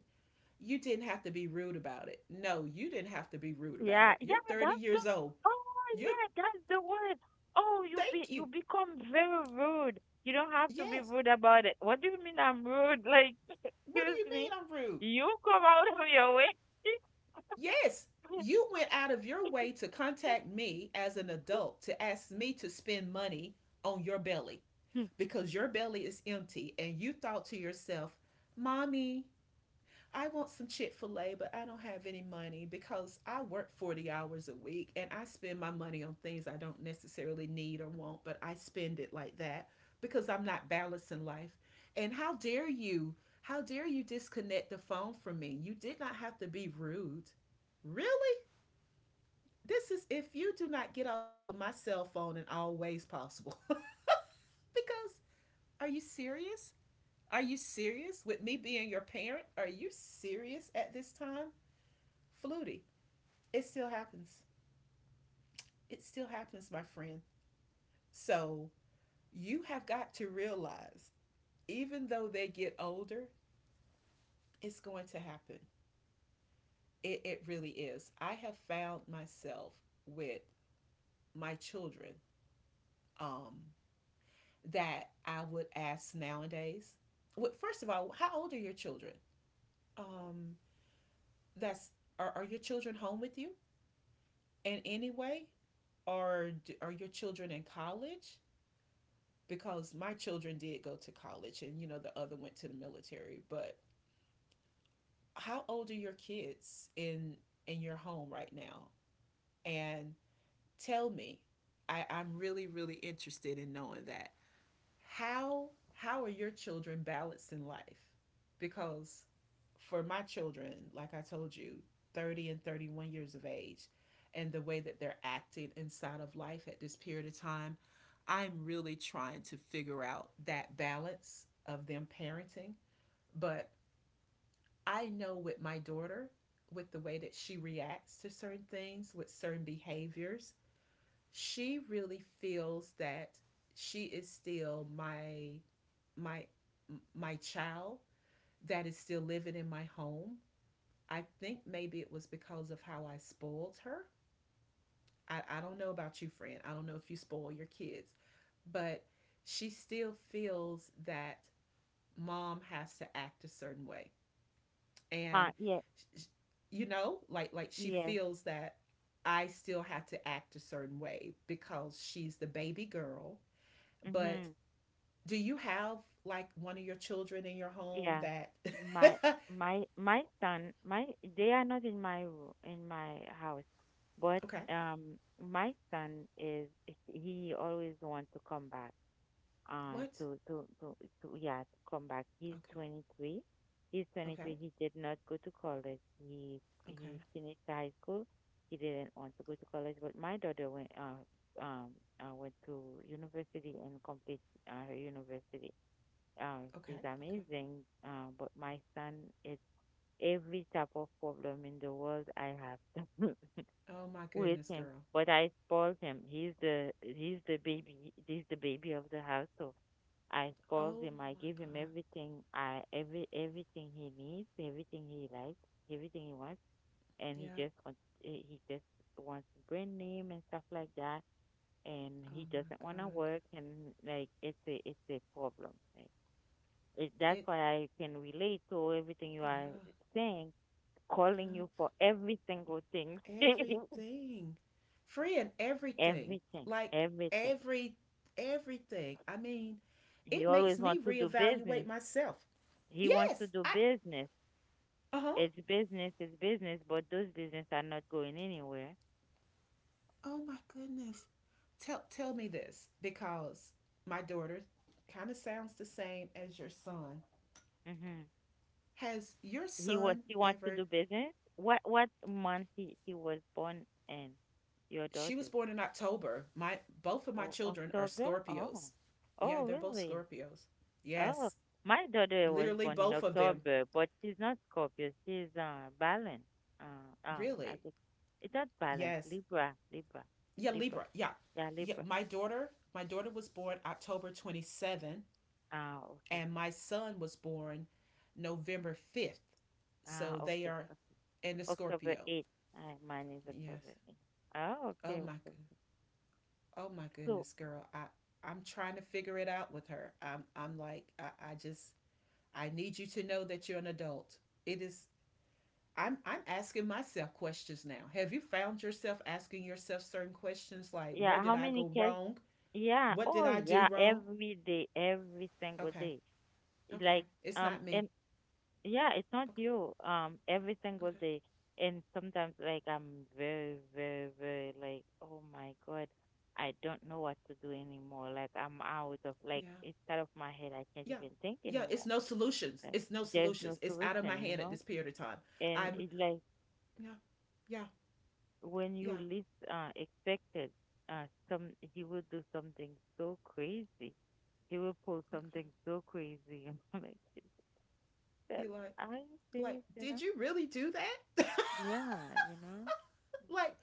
[SPEAKER 1] you didn't have to be rude about it. No, you didn't have to be rude about
[SPEAKER 2] Yeah,
[SPEAKER 1] it. You're
[SPEAKER 2] yeah,
[SPEAKER 1] 30
[SPEAKER 2] that's the.
[SPEAKER 1] years old.
[SPEAKER 2] Oh
[SPEAKER 1] You're,
[SPEAKER 2] yeah, that's the word. Oh, you be
[SPEAKER 1] Thank
[SPEAKER 2] you
[SPEAKER 1] you.
[SPEAKER 2] become very rude. You don't have to be
[SPEAKER 1] Yes.
[SPEAKER 2] rude about it. What do you mean I'm rude? Like,
[SPEAKER 1] What do
[SPEAKER 2] excuse
[SPEAKER 1] you mean
[SPEAKER 2] me,
[SPEAKER 1] I'm rude?
[SPEAKER 2] you come out of your way.
[SPEAKER 1] Yes. You went out of your way to contact me as an adult to ask me to spend money on your belly
[SPEAKER 2] Hmm.
[SPEAKER 1] because your belly is empty and you thought to yourself, "Mommy, I want some Chick fil A, but I don't have any money because I work 40 hours a week and I spend my money on things I don't necessarily need or want, but I spend it like that because I'm not balancing life." And how dare you? How dare you disconnect the phone from me? You did not have to be rude. Really? This is if you do not get off of my cell phone in all ways possible. Because are you serious? Are you serious with me being your parent? Are you serious at this time? Flutie, it still happens. It still happens, my friend. So you have got to realize, even though they get older, it's going to happen. It really is. I have found myself with my children um, that I would ask nowadays. Well, first of all, how old are your children? Um, that's are your children home with you in any way, or are your children in college? Because my children did go to college and you know the other went to the military, but how old are your kids in your home right now and tell me. I'm really interested in knowing that. How how are your children balanced in life? Because for my children, like I told you, 30 and 31 years of age, and the way that they're acting inside of life at this period of time, I'm really trying to figure out that balance of them parenting. But I know with my daughter, with the way that she reacts to certain things, with certain behaviors, she really feels that she is still my my child that is still living in my home. I think maybe it was because of how I spoiled her. I don't know about you, friend. I don't know if you spoil your kids, but she still feels that mom has to act a certain way.
[SPEAKER 2] Ah,
[SPEAKER 1] And
[SPEAKER 2] yeah,
[SPEAKER 1] you know, like she
[SPEAKER 2] yeah.
[SPEAKER 1] feels that I still have to act a certain way because she's the baby girl.
[SPEAKER 2] Mm-hmm.
[SPEAKER 1] But do you have like one of your children in your home
[SPEAKER 2] Yeah.
[SPEAKER 1] that
[SPEAKER 2] My my son, my They are not in my house, but
[SPEAKER 1] Okay.
[SPEAKER 2] my son is, he always wants to come back. Uh
[SPEAKER 1] What?
[SPEAKER 2] to to to, to Yeah, to come back. He's
[SPEAKER 1] Okay.
[SPEAKER 2] 23. He's 23.
[SPEAKER 1] Okay.
[SPEAKER 2] He did not go to college. He
[SPEAKER 1] Okay.
[SPEAKER 2] he finished high school. He didn't want to go to college, but my daughter went to university and complete her university. She's
[SPEAKER 1] Okay. Okay.
[SPEAKER 2] amazing. But my son is every type of problem in the world I have
[SPEAKER 1] Oh my
[SPEAKER 2] with
[SPEAKER 1] goodness,
[SPEAKER 2] him.
[SPEAKER 1] girl.
[SPEAKER 2] But I spoiled him. He's the baby of the house, so I spoiled
[SPEAKER 1] Oh
[SPEAKER 2] him. I
[SPEAKER 1] my
[SPEAKER 2] gave him
[SPEAKER 1] god.
[SPEAKER 2] everything he needs, everything he likes, everything he wants, and he
[SPEAKER 1] Yep.
[SPEAKER 2] just wants he he just wants brand name and stuff like that. And
[SPEAKER 1] Oh
[SPEAKER 2] he
[SPEAKER 1] my
[SPEAKER 2] doesn't want to
[SPEAKER 1] god.
[SPEAKER 2] work, and like it's a problem. Like, that's
[SPEAKER 1] It
[SPEAKER 2] why I can relate to everything you are
[SPEAKER 1] yeah.
[SPEAKER 2] saying, calling you for every single thing.
[SPEAKER 1] Yep. Everything. Friend, everything.
[SPEAKER 2] Everything,
[SPEAKER 1] Like
[SPEAKER 2] everything.
[SPEAKER 1] every everything. I mean,
[SPEAKER 2] He
[SPEAKER 1] it
[SPEAKER 2] always
[SPEAKER 1] makes me
[SPEAKER 2] wants to do
[SPEAKER 1] reevaluate
[SPEAKER 2] business.
[SPEAKER 1] myself.
[SPEAKER 2] He wants to
[SPEAKER 1] Yes.
[SPEAKER 2] do
[SPEAKER 1] I
[SPEAKER 2] business.
[SPEAKER 1] uh-huh.
[SPEAKER 2] It's business, it's business, but those business are not going anywhere.
[SPEAKER 1] Oh my goodness. Tell me this because my daughter kind of sounds the same as your son.
[SPEAKER 2] hmm
[SPEAKER 1] Has your
[SPEAKER 2] He was
[SPEAKER 1] son
[SPEAKER 2] he wants to
[SPEAKER 1] ever
[SPEAKER 2] do business. What month he was born in? Your
[SPEAKER 1] She was
[SPEAKER 2] daughter?
[SPEAKER 1] born in October. My both of my
[SPEAKER 2] Oh,
[SPEAKER 1] children are
[SPEAKER 2] October?
[SPEAKER 1] Scorpios.
[SPEAKER 2] Oh,
[SPEAKER 1] Yeah,
[SPEAKER 2] oh,
[SPEAKER 1] they're both
[SPEAKER 2] really?
[SPEAKER 1] Scorpios.
[SPEAKER 2] Oh,
[SPEAKER 1] Yes.
[SPEAKER 2] my daughter was
[SPEAKER 1] Literally
[SPEAKER 2] born in
[SPEAKER 1] both of them.
[SPEAKER 2] October, but she's not Scorpio. She's balance. I
[SPEAKER 1] Really?
[SPEAKER 2] think it's not balance.
[SPEAKER 1] Yes.
[SPEAKER 2] Libra, Libra,
[SPEAKER 1] Yeah,
[SPEAKER 2] Libra.
[SPEAKER 1] Libra. Yeah.
[SPEAKER 2] Yeah,
[SPEAKER 1] Yeah,
[SPEAKER 2] Libra.
[SPEAKER 1] my daughter was born October 27
[SPEAKER 2] Ah, okay.
[SPEAKER 1] and my son was born November 5th.
[SPEAKER 2] Ah,
[SPEAKER 1] So they
[SPEAKER 2] okay,
[SPEAKER 1] are
[SPEAKER 2] okay.
[SPEAKER 1] in the
[SPEAKER 2] October
[SPEAKER 1] Scorpio.
[SPEAKER 2] eighth. Mine is October
[SPEAKER 1] Yes.
[SPEAKER 2] eighth. Oh,
[SPEAKER 1] Oh
[SPEAKER 2] okay,
[SPEAKER 1] my
[SPEAKER 2] okay.
[SPEAKER 1] good. Oh my
[SPEAKER 2] So,
[SPEAKER 1] goodness, girl. I'm trying to figure it out with her. I'm like I just I need you to know that you're an adult. It is I'm asking myself questions now. Have you found yourself asking yourself certain questions like, where
[SPEAKER 2] yeah, how
[SPEAKER 1] did I
[SPEAKER 2] many
[SPEAKER 1] go
[SPEAKER 2] kids?
[SPEAKER 1] wrong?
[SPEAKER 2] Yeah.
[SPEAKER 1] What did
[SPEAKER 2] Oh,
[SPEAKER 1] I do
[SPEAKER 2] yeah.
[SPEAKER 1] wrong?
[SPEAKER 2] Every day, every single
[SPEAKER 1] Okay.
[SPEAKER 2] day.
[SPEAKER 1] Okay.
[SPEAKER 2] Like,
[SPEAKER 1] It's not me.
[SPEAKER 2] and yeah, it's not
[SPEAKER 1] Okay.
[SPEAKER 2] you. Every single
[SPEAKER 1] Okay.
[SPEAKER 2] day, and sometimes like I'm very, very, very like, oh my God, I don't know what to do anymore. Like I'm out of like
[SPEAKER 1] Yeah,
[SPEAKER 2] it's out of my head. I can't
[SPEAKER 1] yeah,
[SPEAKER 2] even think
[SPEAKER 1] yeah. It's
[SPEAKER 2] anymore.
[SPEAKER 1] no solutions,
[SPEAKER 2] Like,
[SPEAKER 1] it's no
[SPEAKER 2] there's no
[SPEAKER 1] solutions, it's out of my
[SPEAKER 2] solution, you
[SPEAKER 1] hand at
[SPEAKER 2] know.
[SPEAKER 1] this period of time.
[SPEAKER 2] And
[SPEAKER 1] I'm
[SPEAKER 2] it like
[SPEAKER 1] Yeah, yeah,
[SPEAKER 2] when you
[SPEAKER 1] yeah.
[SPEAKER 2] least expected, some he will do something so crazy. He will pull
[SPEAKER 1] Okay,
[SPEAKER 2] something so crazy. I'm like, that
[SPEAKER 1] you like
[SPEAKER 2] I
[SPEAKER 1] like
[SPEAKER 2] this, you
[SPEAKER 1] did
[SPEAKER 2] know?
[SPEAKER 1] you really do that?
[SPEAKER 2] Yeah, you know.
[SPEAKER 1] like,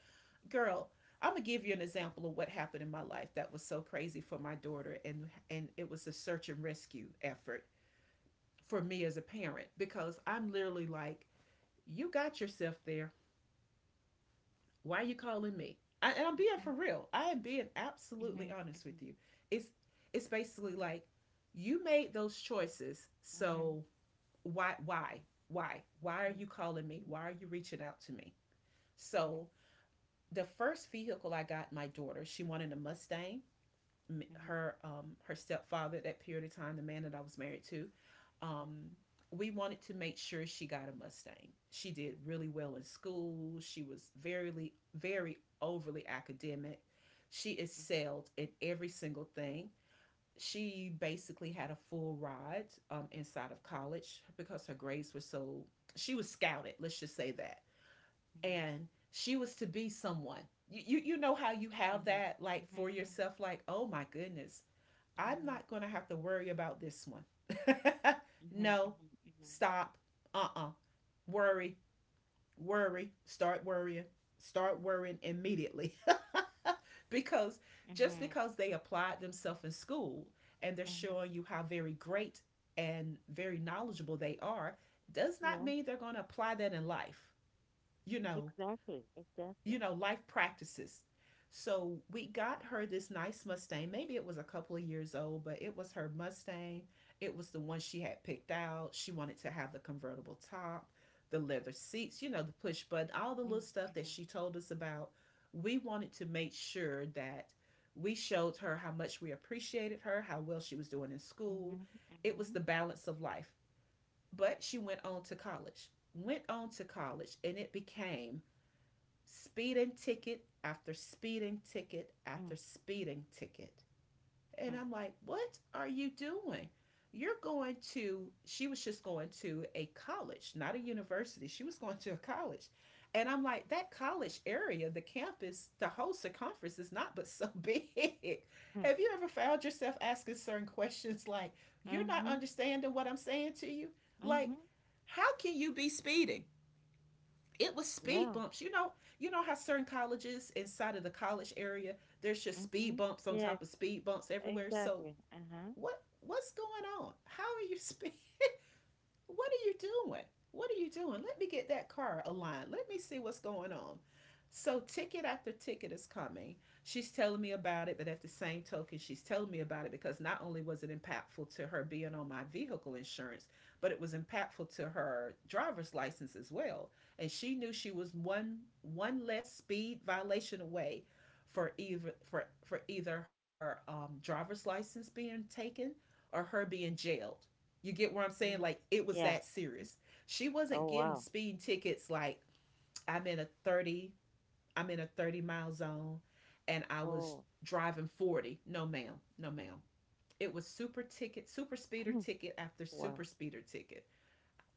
[SPEAKER 1] girl, I'm gonna give you an example of what happened in my life that was so crazy for my daughter, and it was a search and rescue effort for me as a parent because I'm literally like, you got yourself there. Why are you calling me? And I'm being for real. I am being absolutely
[SPEAKER 2] Mhm,
[SPEAKER 1] honest with
[SPEAKER 2] mhm,
[SPEAKER 1] you. It's it's basically like, you made those choices.
[SPEAKER 2] mhm,
[SPEAKER 1] So why, why are
[SPEAKER 2] mhm,
[SPEAKER 1] you calling me? Why are you reaching out to me?
[SPEAKER 2] mhm,
[SPEAKER 1] So the first vehicle I got my daughter, she wanted a Mustang.
[SPEAKER 2] mhm, mhm,
[SPEAKER 1] Her her stepfather at that period of time, the man that I was married to. Um,
[SPEAKER 2] mhm,
[SPEAKER 1] we wanted to make sure she got a Mustang. She did really well in school. She was very, very overly academic. She excelled in every single thing. She basically had a full ride inside of college because her grades were so. She was scouted. Let's just say that.
[SPEAKER 2] mhm,
[SPEAKER 1] And she was to be someone. You, you know how you
[SPEAKER 2] mhm,
[SPEAKER 1] have
[SPEAKER 2] mhm, mhm,
[SPEAKER 1] that like for yourself like, oh my goodness, I'm not going to have to worry about this one.
[SPEAKER 2] mhm,
[SPEAKER 1] no,
[SPEAKER 2] mhm,
[SPEAKER 1] stop. Uh. Worry, worry, start worrying immediately. because
[SPEAKER 2] mhm,
[SPEAKER 1] just
[SPEAKER 2] mhm.
[SPEAKER 1] because they applied themselves in school and they're showing you how very great and very knowledgeable they are does not
[SPEAKER 2] Yeah,
[SPEAKER 1] mean they're going to apply that in life. You know,
[SPEAKER 2] exactly, exactly.
[SPEAKER 1] you know, life practices. So we got her this nice Mustang. Maybe it was a couple of years old, but it was her Mustang. It was the one she had picked out. She wanted to have the convertible top, the leather seats, you know, the push button, all the little
[SPEAKER 2] Mhm,
[SPEAKER 1] stuff that
[SPEAKER 2] mhm,
[SPEAKER 1] she told us about. We wanted to make sure that we showed her how much we appreciated her, how well she was doing in school.
[SPEAKER 2] mhm, mhm,
[SPEAKER 1] It was
[SPEAKER 2] mhm,
[SPEAKER 1] the balance of life. But she went on to college, went on to college, and it became speeding ticket after speeding ticket after speeding ticket. And I'm like, what are you doing? She was just going to a college, not a university. She was going to a college. And I'm like, that college area, the campus, the whole circumference is not but so big.
[SPEAKER 2] mhm,
[SPEAKER 1] Have you ever found yourself asking certain questions like,
[SPEAKER 2] mhm,
[SPEAKER 1] you're not
[SPEAKER 2] mhm,
[SPEAKER 1] understanding what I'm saying to you? Like,
[SPEAKER 2] mhm.
[SPEAKER 1] how can you be speeding? It was speed
[SPEAKER 2] Yeah,
[SPEAKER 1] bumps. You know how certain colleges inside of the college area, there's just speed
[SPEAKER 2] mhm,
[SPEAKER 1] bumps on
[SPEAKER 2] yeah,
[SPEAKER 1] top of speed bumps everywhere. So
[SPEAKER 2] exactly. Uh-huh.
[SPEAKER 1] what's going on? How are you speed, what are you doing? What are you doing? Let me get that car aligned. Let me see what's going on. So ticket after ticket is coming. She's telling me about it, but at the same token, she's telling me about it because not only was it impactful to her being on my vehicle insurance, but it was impactful to her driver's license as well. And she knew she was one less speed violation away for either, for either her driver's license being taken or her being jailed. You get what I'm saying?
[SPEAKER 2] Mhm,
[SPEAKER 1] Like it was
[SPEAKER 2] yeah.
[SPEAKER 1] that
[SPEAKER 2] Mhm.
[SPEAKER 1] serious. She wasn't
[SPEAKER 2] Oh,
[SPEAKER 1] getting
[SPEAKER 2] wow.
[SPEAKER 1] speeding tickets like, I'm in a 30, I'm in a 30-mile zone and I was
[SPEAKER 2] Oh,
[SPEAKER 1] driving 40. No ma'am. No ma'am. It was super ticket, super speeder ticket after super
[SPEAKER 2] wow.
[SPEAKER 1] speeder ticket.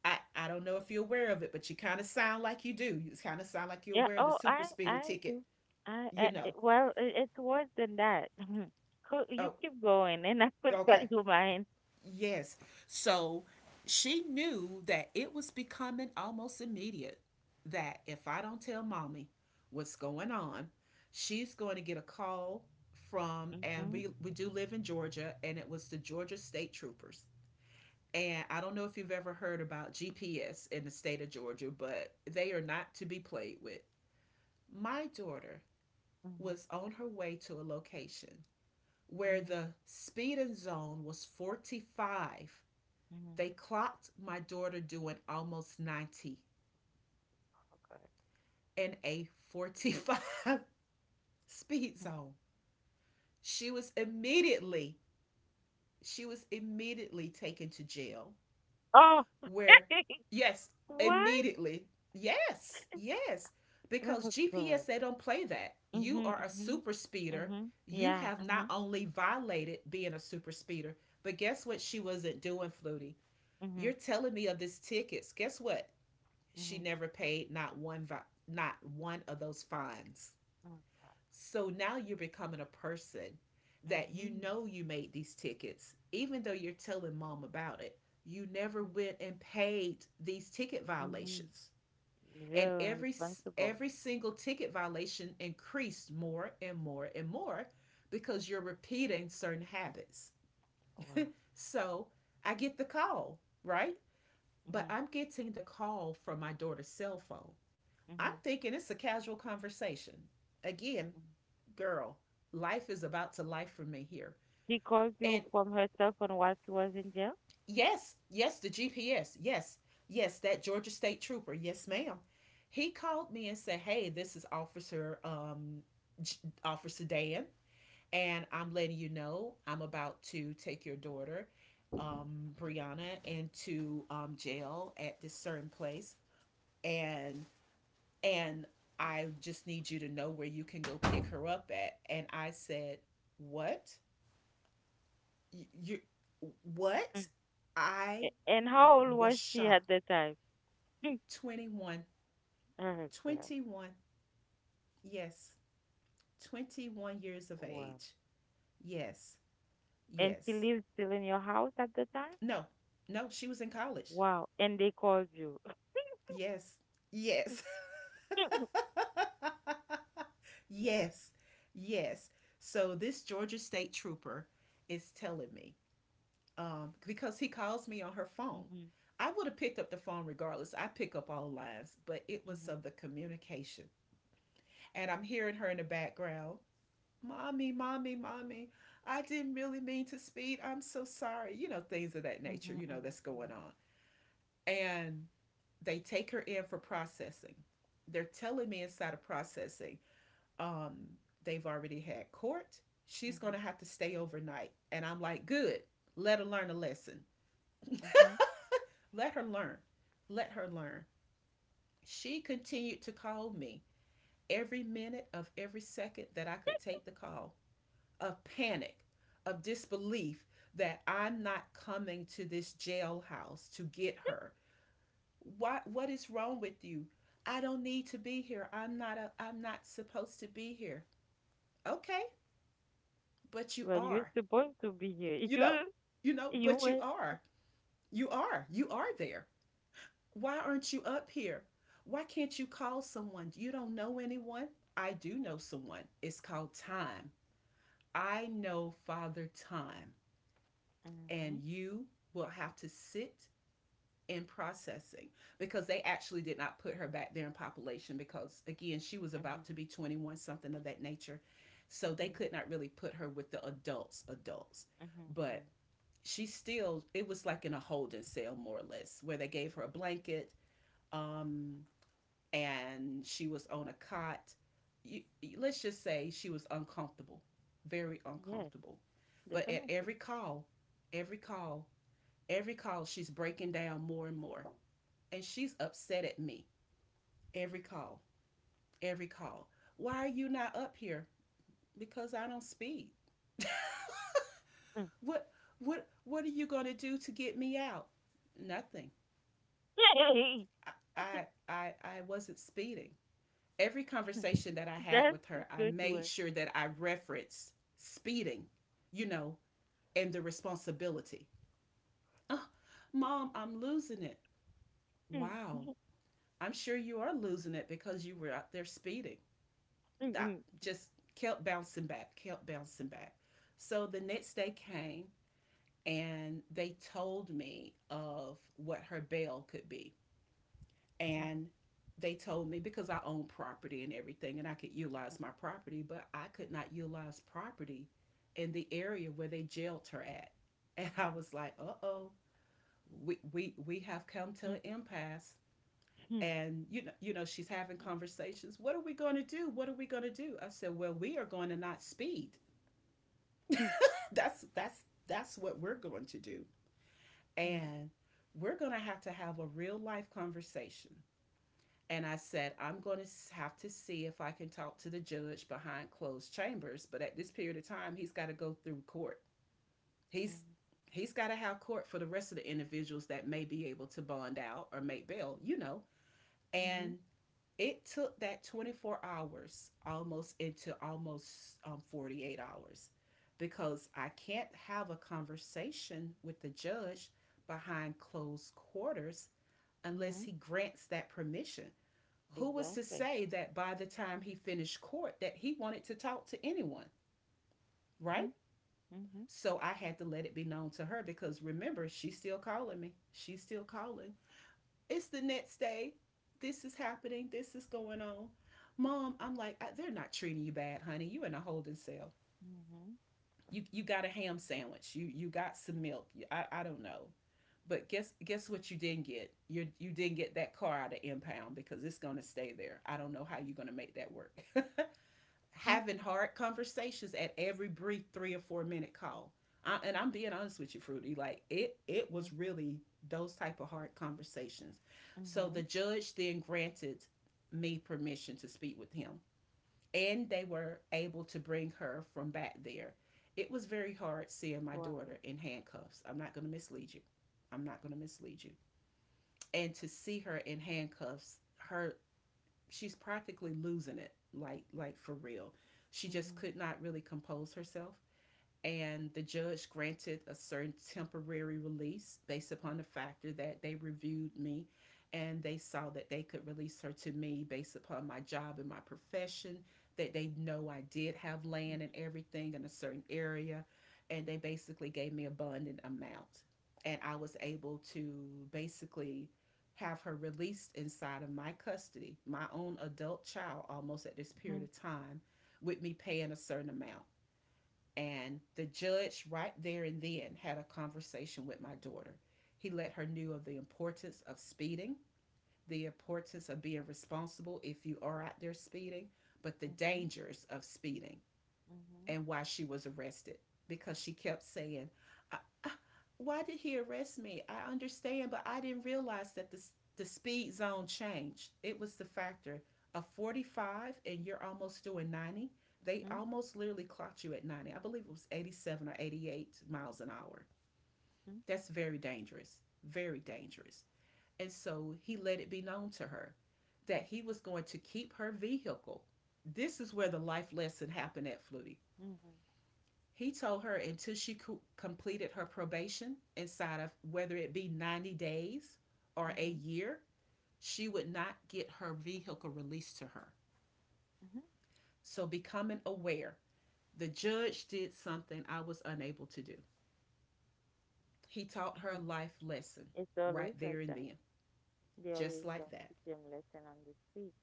[SPEAKER 1] I don't know if you're aware of it, but you kind of sound like you do. You kind of sound like you're
[SPEAKER 2] Yeah.
[SPEAKER 1] aware of the
[SPEAKER 2] Oh,
[SPEAKER 1] super
[SPEAKER 2] I
[SPEAKER 1] speeder
[SPEAKER 2] I
[SPEAKER 1] ticket,
[SPEAKER 2] do.
[SPEAKER 1] you know.
[SPEAKER 2] Well, it's worse than that. You
[SPEAKER 1] Oh,
[SPEAKER 2] keep going, and I will tell
[SPEAKER 1] okay.
[SPEAKER 2] you mine.
[SPEAKER 1] Yes. So she knew that it was becoming almost immediate that if I don't tell mommy what's going on, she's going to get a call from, and
[SPEAKER 2] Mhm.
[SPEAKER 1] we do live in Georgia, and it was the Georgia State Troopers. And I don't know if you've ever heard about GPS in the state of Georgia, but they are not to be played with. My daughter
[SPEAKER 2] Mhm.
[SPEAKER 1] was on her way to a location where
[SPEAKER 2] Mhm.
[SPEAKER 1] the speeding zone was 45.
[SPEAKER 2] Mhm.
[SPEAKER 1] They clocked my daughter doing almost 90
[SPEAKER 2] Okay.
[SPEAKER 1] in a 45 speed
[SPEAKER 2] Mhm.
[SPEAKER 1] zone. She was immediately, she was immediately taken to jail
[SPEAKER 2] Oh,
[SPEAKER 1] where, yes,
[SPEAKER 2] what?
[SPEAKER 1] immediately. Yes. Yes, because
[SPEAKER 2] Oh
[SPEAKER 1] GPS,
[SPEAKER 2] God.
[SPEAKER 1] they don't play that. You
[SPEAKER 2] Mhm.
[SPEAKER 1] are a
[SPEAKER 2] Mhm.
[SPEAKER 1] super speeder.
[SPEAKER 2] Mhm.
[SPEAKER 1] You
[SPEAKER 2] Yeah.
[SPEAKER 1] have not
[SPEAKER 2] Uh-huh.
[SPEAKER 1] only violated being a super speeder, but guess what she wasn't doing, Flutie? You're
[SPEAKER 2] Mhm.
[SPEAKER 1] telling me of this tickets. Guess what? She
[SPEAKER 2] Mhm.
[SPEAKER 1] never paid not one vi- Not one of those fines.
[SPEAKER 2] Mhm. Okay.
[SPEAKER 1] So now you're becoming a person that you
[SPEAKER 2] Mhm.
[SPEAKER 1] know you made these tickets, even though you're telling mom about it. You never
[SPEAKER 2] Mhm.
[SPEAKER 1] went and paid these ticket
[SPEAKER 2] Mhm.
[SPEAKER 1] violations. And
[SPEAKER 2] Very irresponsible.
[SPEAKER 1] every single ticket violation increased more and more and more because you're repeating certain habits.
[SPEAKER 2] Wow.
[SPEAKER 1] So I get the call, right? But
[SPEAKER 2] Mhm.
[SPEAKER 1] I'm getting the call from my daughter's cell phone. I'm
[SPEAKER 2] Mhm.
[SPEAKER 1] thinking it's a casual conversation. Again,
[SPEAKER 2] Mhm.
[SPEAKER 1] girl, life is about to life for me here.
[SPEAKER 2] She called you
[SPEAKER 1] And
[SPEAKER 2] from herself on while she was in jail.
[SPEAKER 1] yes, yes, the GPS, yes, yes, that Georgia State Trooper, yes, ma'am. He called me and said, "Hey, this is Officer J- Officer Dan, and I'm letting you know I'm about to take your daughter, Brianna, into jail at this certain place, and and I just need you to know where you can go pick her up at." And I said, what? You, what? I
[SPEAKER 2] And how old
[SPEAKER 1] was
[SPEAKER 2] was she
[SPEAKER 1] shocked.
[SPEAKER 2] at the time?
[SPEAKER 1] 21,
[SPEAKER 2] Oh God!
[SPEAKER 1] 21. Yes, 21 years of
[SPEAKER 2] Wow.
[SPEAKER 1] age. Yes,
[SPEAKER 2] And she
[SPEAKER 1] yes.
[SPEAKER 2] lived still in your house at the time?
[SPEAKER 1] No, no, she was in college.
[SPEAKER 2] Wow. And they called you.
[SPEAKER 1] Yes, yes, yes, yes. So this Georgia State trooper is telling me, because he calls me on her phone.
[SPEAKER 2] Mhm,
[SPEAKER 1] I would have picked up the phone regardless. I pick up all lines, but it was
[SPEAKER 2] mhm,
[SPEAKER 1] of the communication. And I'm hearing her in the background, Mommy, Mommy, Mommy, I didn't really mean to speed. I'm so sorry. You know, things of that nature,
[SPEAKER 2] mhm,
[SPEAKER 1] you know, that's going
[SPEAKER 2] mhm,
[SPEAKER 1] on. And they take her in for processing. They're telling me inside of processing, um, they've already had court.
[SPEAKER 2] mhm,
[SPEAKER 1] She's going
[SPEAKER 2] mhm,
[SPEAKER 1] to have to stay overnight. And I'm like, good, let her learn a lesson.
[SPEAKER 2] mhm.
[SPEAKER 1] Let her learn. Let her learn. She continued to call me every minute of every second that I could take the call, of panic, of disbelief that I'm not coming to this jailhouse to get her. What is wrong with you? I don't need to be here. I'm not supposed to be here. Okay, but you
[SPEAKER 2] Well, you're
[SPEAKER 1] are.
[SPEAKER 2] supposed to be here.
[SPEAKER 1] You
[SPEAKER 2] You,
[SPEAKER 1] know, you know,
[SPEAKER 2] you
[SPEAKER 1] but you
[SPEAKER 2] were.
[SPEAKER 1] are. You are. You are there. Why aren't you up here? Why can't you call someone? You don't know anyone? I do know someone. It's called time. I know Father Time,
[SPEAKER 2] Mm-hmm,
[SPEAKER 1] and you will have to sit in processing because they actually did not put her back there in population because again she was
[SPEAKER 2] mm-hmm,
[SPEAKER 1] about to be 21, something of that nature, so they
[SPEAKER 2] mm-hmm,
[SPEAKER 1] could not really put her with the adults,
[SPEAKER 2] mm-hmm,
[SPEAKER 1] but she still, it was like in a holding cell more or less where they gave her a blanket um and she was on a cot. You, let's just say she was uncomfortable, very
[SPEAKER 2] mm-hmm. Yes,
[SPEAKER 1] uncomfortable. But at
[SPEAKER 2] definitely.
[SPEAKER 1] every call, every call, every call, she's breaking down more and more. And she's upset at me. Every call, every call. Why are you not up here? Because I don't speed.
[SPEAKER 2] Mm.
[SPEAKER 1] What what are you going to do to get me out? Nothing.
[SPEAKER 2] Yay!
[SPEAKER 1] I, I wasn't speeding. Every conversation that I had with
[SPEAKER 2] That's a
[SPEAKER 1] her, I
[SPEAKER 2] good
[SPEAKER 1] made
[SPEAKER 2] one.
[SPEAKER 1] sure that I referenced speeding, you know, and the responsibility. Oh, mom, I'm losing it. Wow. I'm sure you are losing it because you were out there speeding.
[SPEAKER 2] Mm,
[SPEAKER 1] That
[SPEAKER 2] mhm,
[SPEAKER 1] just kept bouncing back, kept bouncing back. So the next day came and they told me of what her bail could be.
[SPEAKER 2] mhm, mhm,
[SPEAKER 1] And they told me because I own property and everything and I could
[SPEAKER 2] mhm,
[SPEAKER 1] utilize my property, but I could not utilize property in the area where they jailed her at. And I
[SPEAKER 2] mhm,
[SPEAKER 1] was like, uh oh, we have come
[SPEAKER 2] mhm,
[SPEAKER 1] to
[SPEAKER 2] mhm,
[SPEAKER 1] an impasse.
[SPEAKER 2] mhm,
[SPEAKER 1] And she's having
[SPEAKER 2] mhm,
[SPEAKER 1] conversations. What are we gonna do? What are we gonna do? I said, well, we are going to not speed.
[SPEAKER 2] mm,
[SPEAKER 1] That's that's what we're going to do.
[SPEAKER 2] mhm,
[SPEAKER 1] And we're gonna have to have a real life conversation. And I said, I'm going to have to see if I can talk to the judge behind closed chambers. But at this period of time, he's got to go through court. He's
[SPEAKER 2] mhm,
[SPEAKER 1] he's got to have court for the rest of the individuals that may be able to bond out or make bail, you know.
[SPEAKER 2] mhm,
[SPEAKER 1] And it took that 24 hours almost into almost 48 hours because I can't have a conversation with the judge behind closed quarters unless
[SPEAKER 2] mhm,
[SPEAKER 1] he grants that permission. Who was to
[SPEAKER 2] exactly.
[SPEAKER 1] say that by the time he finished court that he wanted to talk to anyone, right?
[SPEAKER 2] Mhm, mhm,
[SPEAKER 1] So I had to let it be known to her because remember, she's still calling me. She's still calling. It's the next day. This is happening. This is going on. Mom, I'm like, they're not treating you bad, honey. You in a holding cell.
[SPEAKER 2] mhm,
[SPEAKER 1] You got a ham sandwich. You got some milk. I don't know. But guess what you didn't get? You didn't get that car out of impound because it's gonna stay there. I don't know how you're gonna make that work.
[SPEAKER 2] mhm,
[SPEAKER 1] Having hard conversations at every brief 3 or 4 minute call. And I'm being honest with you, Fruity. Like it was
[SPEAKER 2] mhm,
[SPEAKER 1] really those type of hard conversations. So
[SPEAKER 2] mhm,
[SPEAKER 1] the judge then granted me permission to speak with him, and they were able to bring her from back there. It was very hard seeing my
[SPEAKER 2] wow.
[SPEAKER 1] daughter in handcuffs. I'm not going to mislead you. I'm not going to mislead you. And to see her in handcuffs, her, she's practically losing it, like for real, she just
[SPEAKER 2] Mhm,
[SPEAKER 1] could not really compose herself. And the judge granted a certain temporary release based upon the factor that they reviewed me and they saw that they could release her to me based upon my job and my profession, that they know I did have
[SPEAKER 2] mhm,
[SPEAKER 1] land and everything in a certain area, and they basically gave me a bond amount, and I was able to basically have her released inside of my custody, my own adult child almost at this
[SPEAKER 2] mhm,
[SPEAKER 1] period of time, with me paying a certain amount. And the judge, right there and then, had a conversation with my daughter. He let her know of the importance of speeding, the importance of being responsible if you are out there speeding, but the
[SPEAKER 2] mhm,
[SPEAKER 1] dangers of speeding
[SPEAKER 2] mhm, mhm,
[SPEAKER 1] and why she was arrested. Because she kept saying, I, I, "Why did he arrest me? I understand, but I didn't realize that the speed zone changed. It was the factor of 45 and you're almost doing 90. They almost literally clocked you at 90. I believe it was 87 or 88 miles an hour.
[SPEAKER 2] mhm,
[SPEAKER 1] That's very dangerous. Very dangerous." And so he let it be known to her that he was going to keep her vehicle. This is where the life lesson happened at Flutie. He told her until she completed her probation, inside of whether it be 90 days
[SPEAKER 2] mhm,
[SPEAKER 1] or a
[SPEAKER 2] mhm,
[SPEAKER 1] year, she would not get her vehicle released to her. So, becoming aware, the judge did something I was unable to do. He taught her a
[SPEAKER 2] mhm.
[SPEAKER 1] life lesson
[SPEAKER 2] It's always
[SPEAKER 1] right there
[SPEAKER 2] like
[SPEAKER 1] and
[SPEAKER 2] that.
[SPEAKER 1] then,
[SPEAKER 2] They
[SPEAKER 1] just
[SPEAKER 2] always
[SPEAKER 1] like that.
[SPEAKER 2] teach them lesson on the street.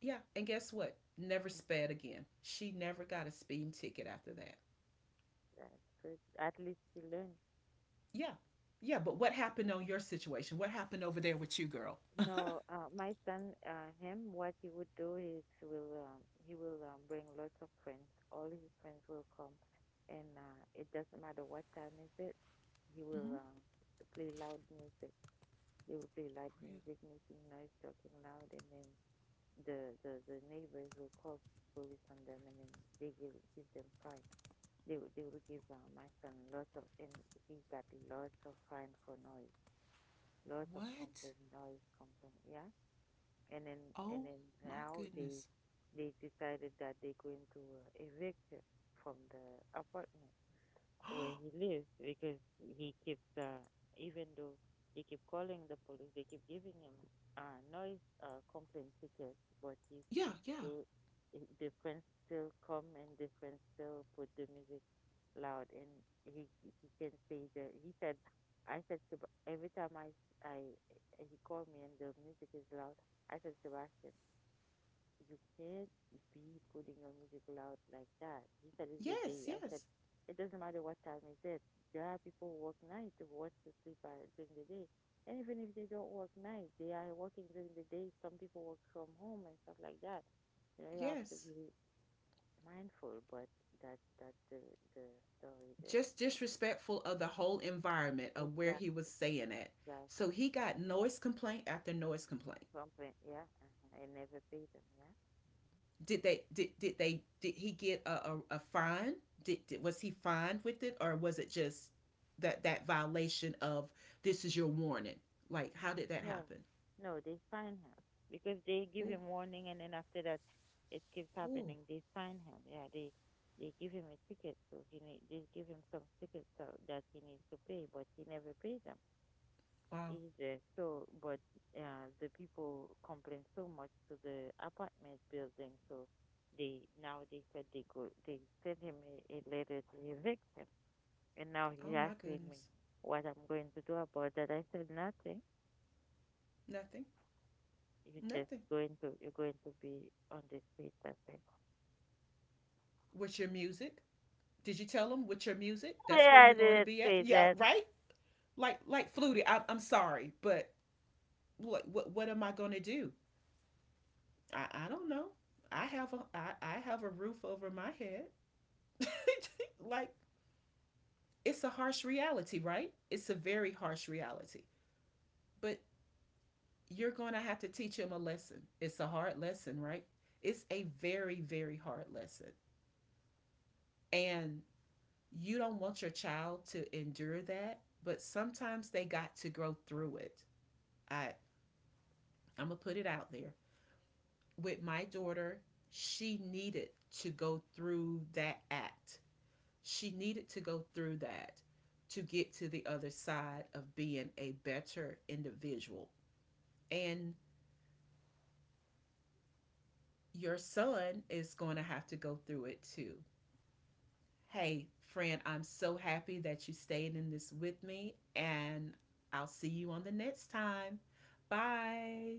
[SPEAKER 1] Yeah, and guess what? Never
[SPEAKER 2] Mhm,
[SPEAKER 1] sped again. She never got a speeding ticket after that.
[SPEAKER 2] that's good. At least you learn
[SPEAKER 1] Yeah, yeah, but what happened on your situation? What happened over there with you, girl?
[SPEAKER 2] No, my son, what he would do is he will bring lots of friends. All his friends will come, and it doesn't matter what time is it. He will
[SPEAKER 1] Mm-hmm.
[SPEAKER 2] play loud music. They will play loud
[SPEAKER 1] Real.
[SPEAKER 2] music, making noise, talking loud, and then the the neighbors will call police on them, and then they give them fine. They will give my son lots of, and he got lots of fine for noise, lots of
[SPEAKER 1] What?
[SPEAKER 2] complaint, noise, complaint, yeah, and then and
[SPEAKER 1] Oh
[SPEAKER 2] then
[SPEAKER 1] my
[SPEAKER 2] now they
[SPEAKER 1] goodness.
[SPEAKER 2] they decided that they're going to evict her from the apartment where he lives because he keeps even though they keep calling the police, they keep giving him noise complaint tickets, but he
[SPEAKER 1] Yeah,
[SPEAKER 2] keeps
[SPEAKER 1] yeah.
[SPEAKER 2] do he- the friends still come and the friends still put the music loud and he can say that he said I said to Ba- every time I he called me and the music is loud. I said, Sebastian, you can't be putting your music loud like that. He said, it's the
[SPEAKER 1] Yes,
[SPEAKER 2] day. I said,
[SPEAKER 1] yes,
[SPEAKER 2] it doesn't matter what time is it. There are people who work night who want to sleep during the day. And even if they don't work night, they are working during the day. Some people work from home and stuff like that. You know, you have to
[SPEAKER 1] yes.
[SPEAKER 2] be mindful, but that's the story there.
[SPEAKER 1] Just disrespectful of the whole environment of where he was
[SPEAKER 2] Exactly,
[SPEAKER 1] saying it. So
[SPEAKER 2] exactly.
[SPEAKER 1] he got noise complaint after noise complaint.
[SPEAKER 2] Complain, yeah, uh-huh. I never pay them, yeah.
[SPEAKER 1] Did they did they did he get a, a fine? Did was he fined with it, or was it just that that violation of this is your warning? Like how did that
[SPEAKER 2] No,
[SPEAKER 1] happen?
[SPEAKER 2] no, they find him because they give
[SPEAKER 1] Oh,
[SPEAKER 2] him warning, and then after that, it keeps
[SPEAKER 1] oh,
[SPEAKER 2] happening. They find him. Yeah, they give him a ticket, so he need, they give him some tickets so that he needs to pay, but he never paid them
[SPEAKER 1] wow.
[SPEAKER 2] either. So, but the people complain so much to the apartment building, so they now they said they send him a letter to evict him, and now he's
[SPEAKER 1] Oh my
[SPEAKER 2] asking me
[SPEAKER 1] goodness.
[SPEAKER 2] what I'm going to do about that. I said nothing.
[SPEAKER 1] Nothing.
[SPEAKER 2] You're just
[SPEAKER 1] Nothing.
[SPEAKER 2] going to you're going to be on the street that day.
[SPEAKER 1] What's your music? Did you tell them with your music that's where
[SPEAKER 2] Yeah, I
[SPEAKER 1] you're going to
[SPEAKER 2] didn't
[SPEAKER 1] be at?
[SPEAKER 2] say
[SPEAKER 1] Yeah,
[SPEAKER 2] that.
[SPEAKER 1] right. Like Flutie, I'm sorry, but what what am I going to do? I don't know. I have a roof over my head. Like it's a harsh reality, right? It's a very harsh reality. But you're going to have to teach him a lesson. It's a hard lesson, right? It's a very, very hard lesson. And you don't want your child to endure that, but sometimes they got to grow through it. I I'm gonna put it out there. With my daughter, she needed to go through that act. She needed to go through that to get to the other side of being a better individual. And your son is going to have to go through it too. Hey, friend, I'm so happy that you stayed in this with me, and I'll see you on the next time. Bye.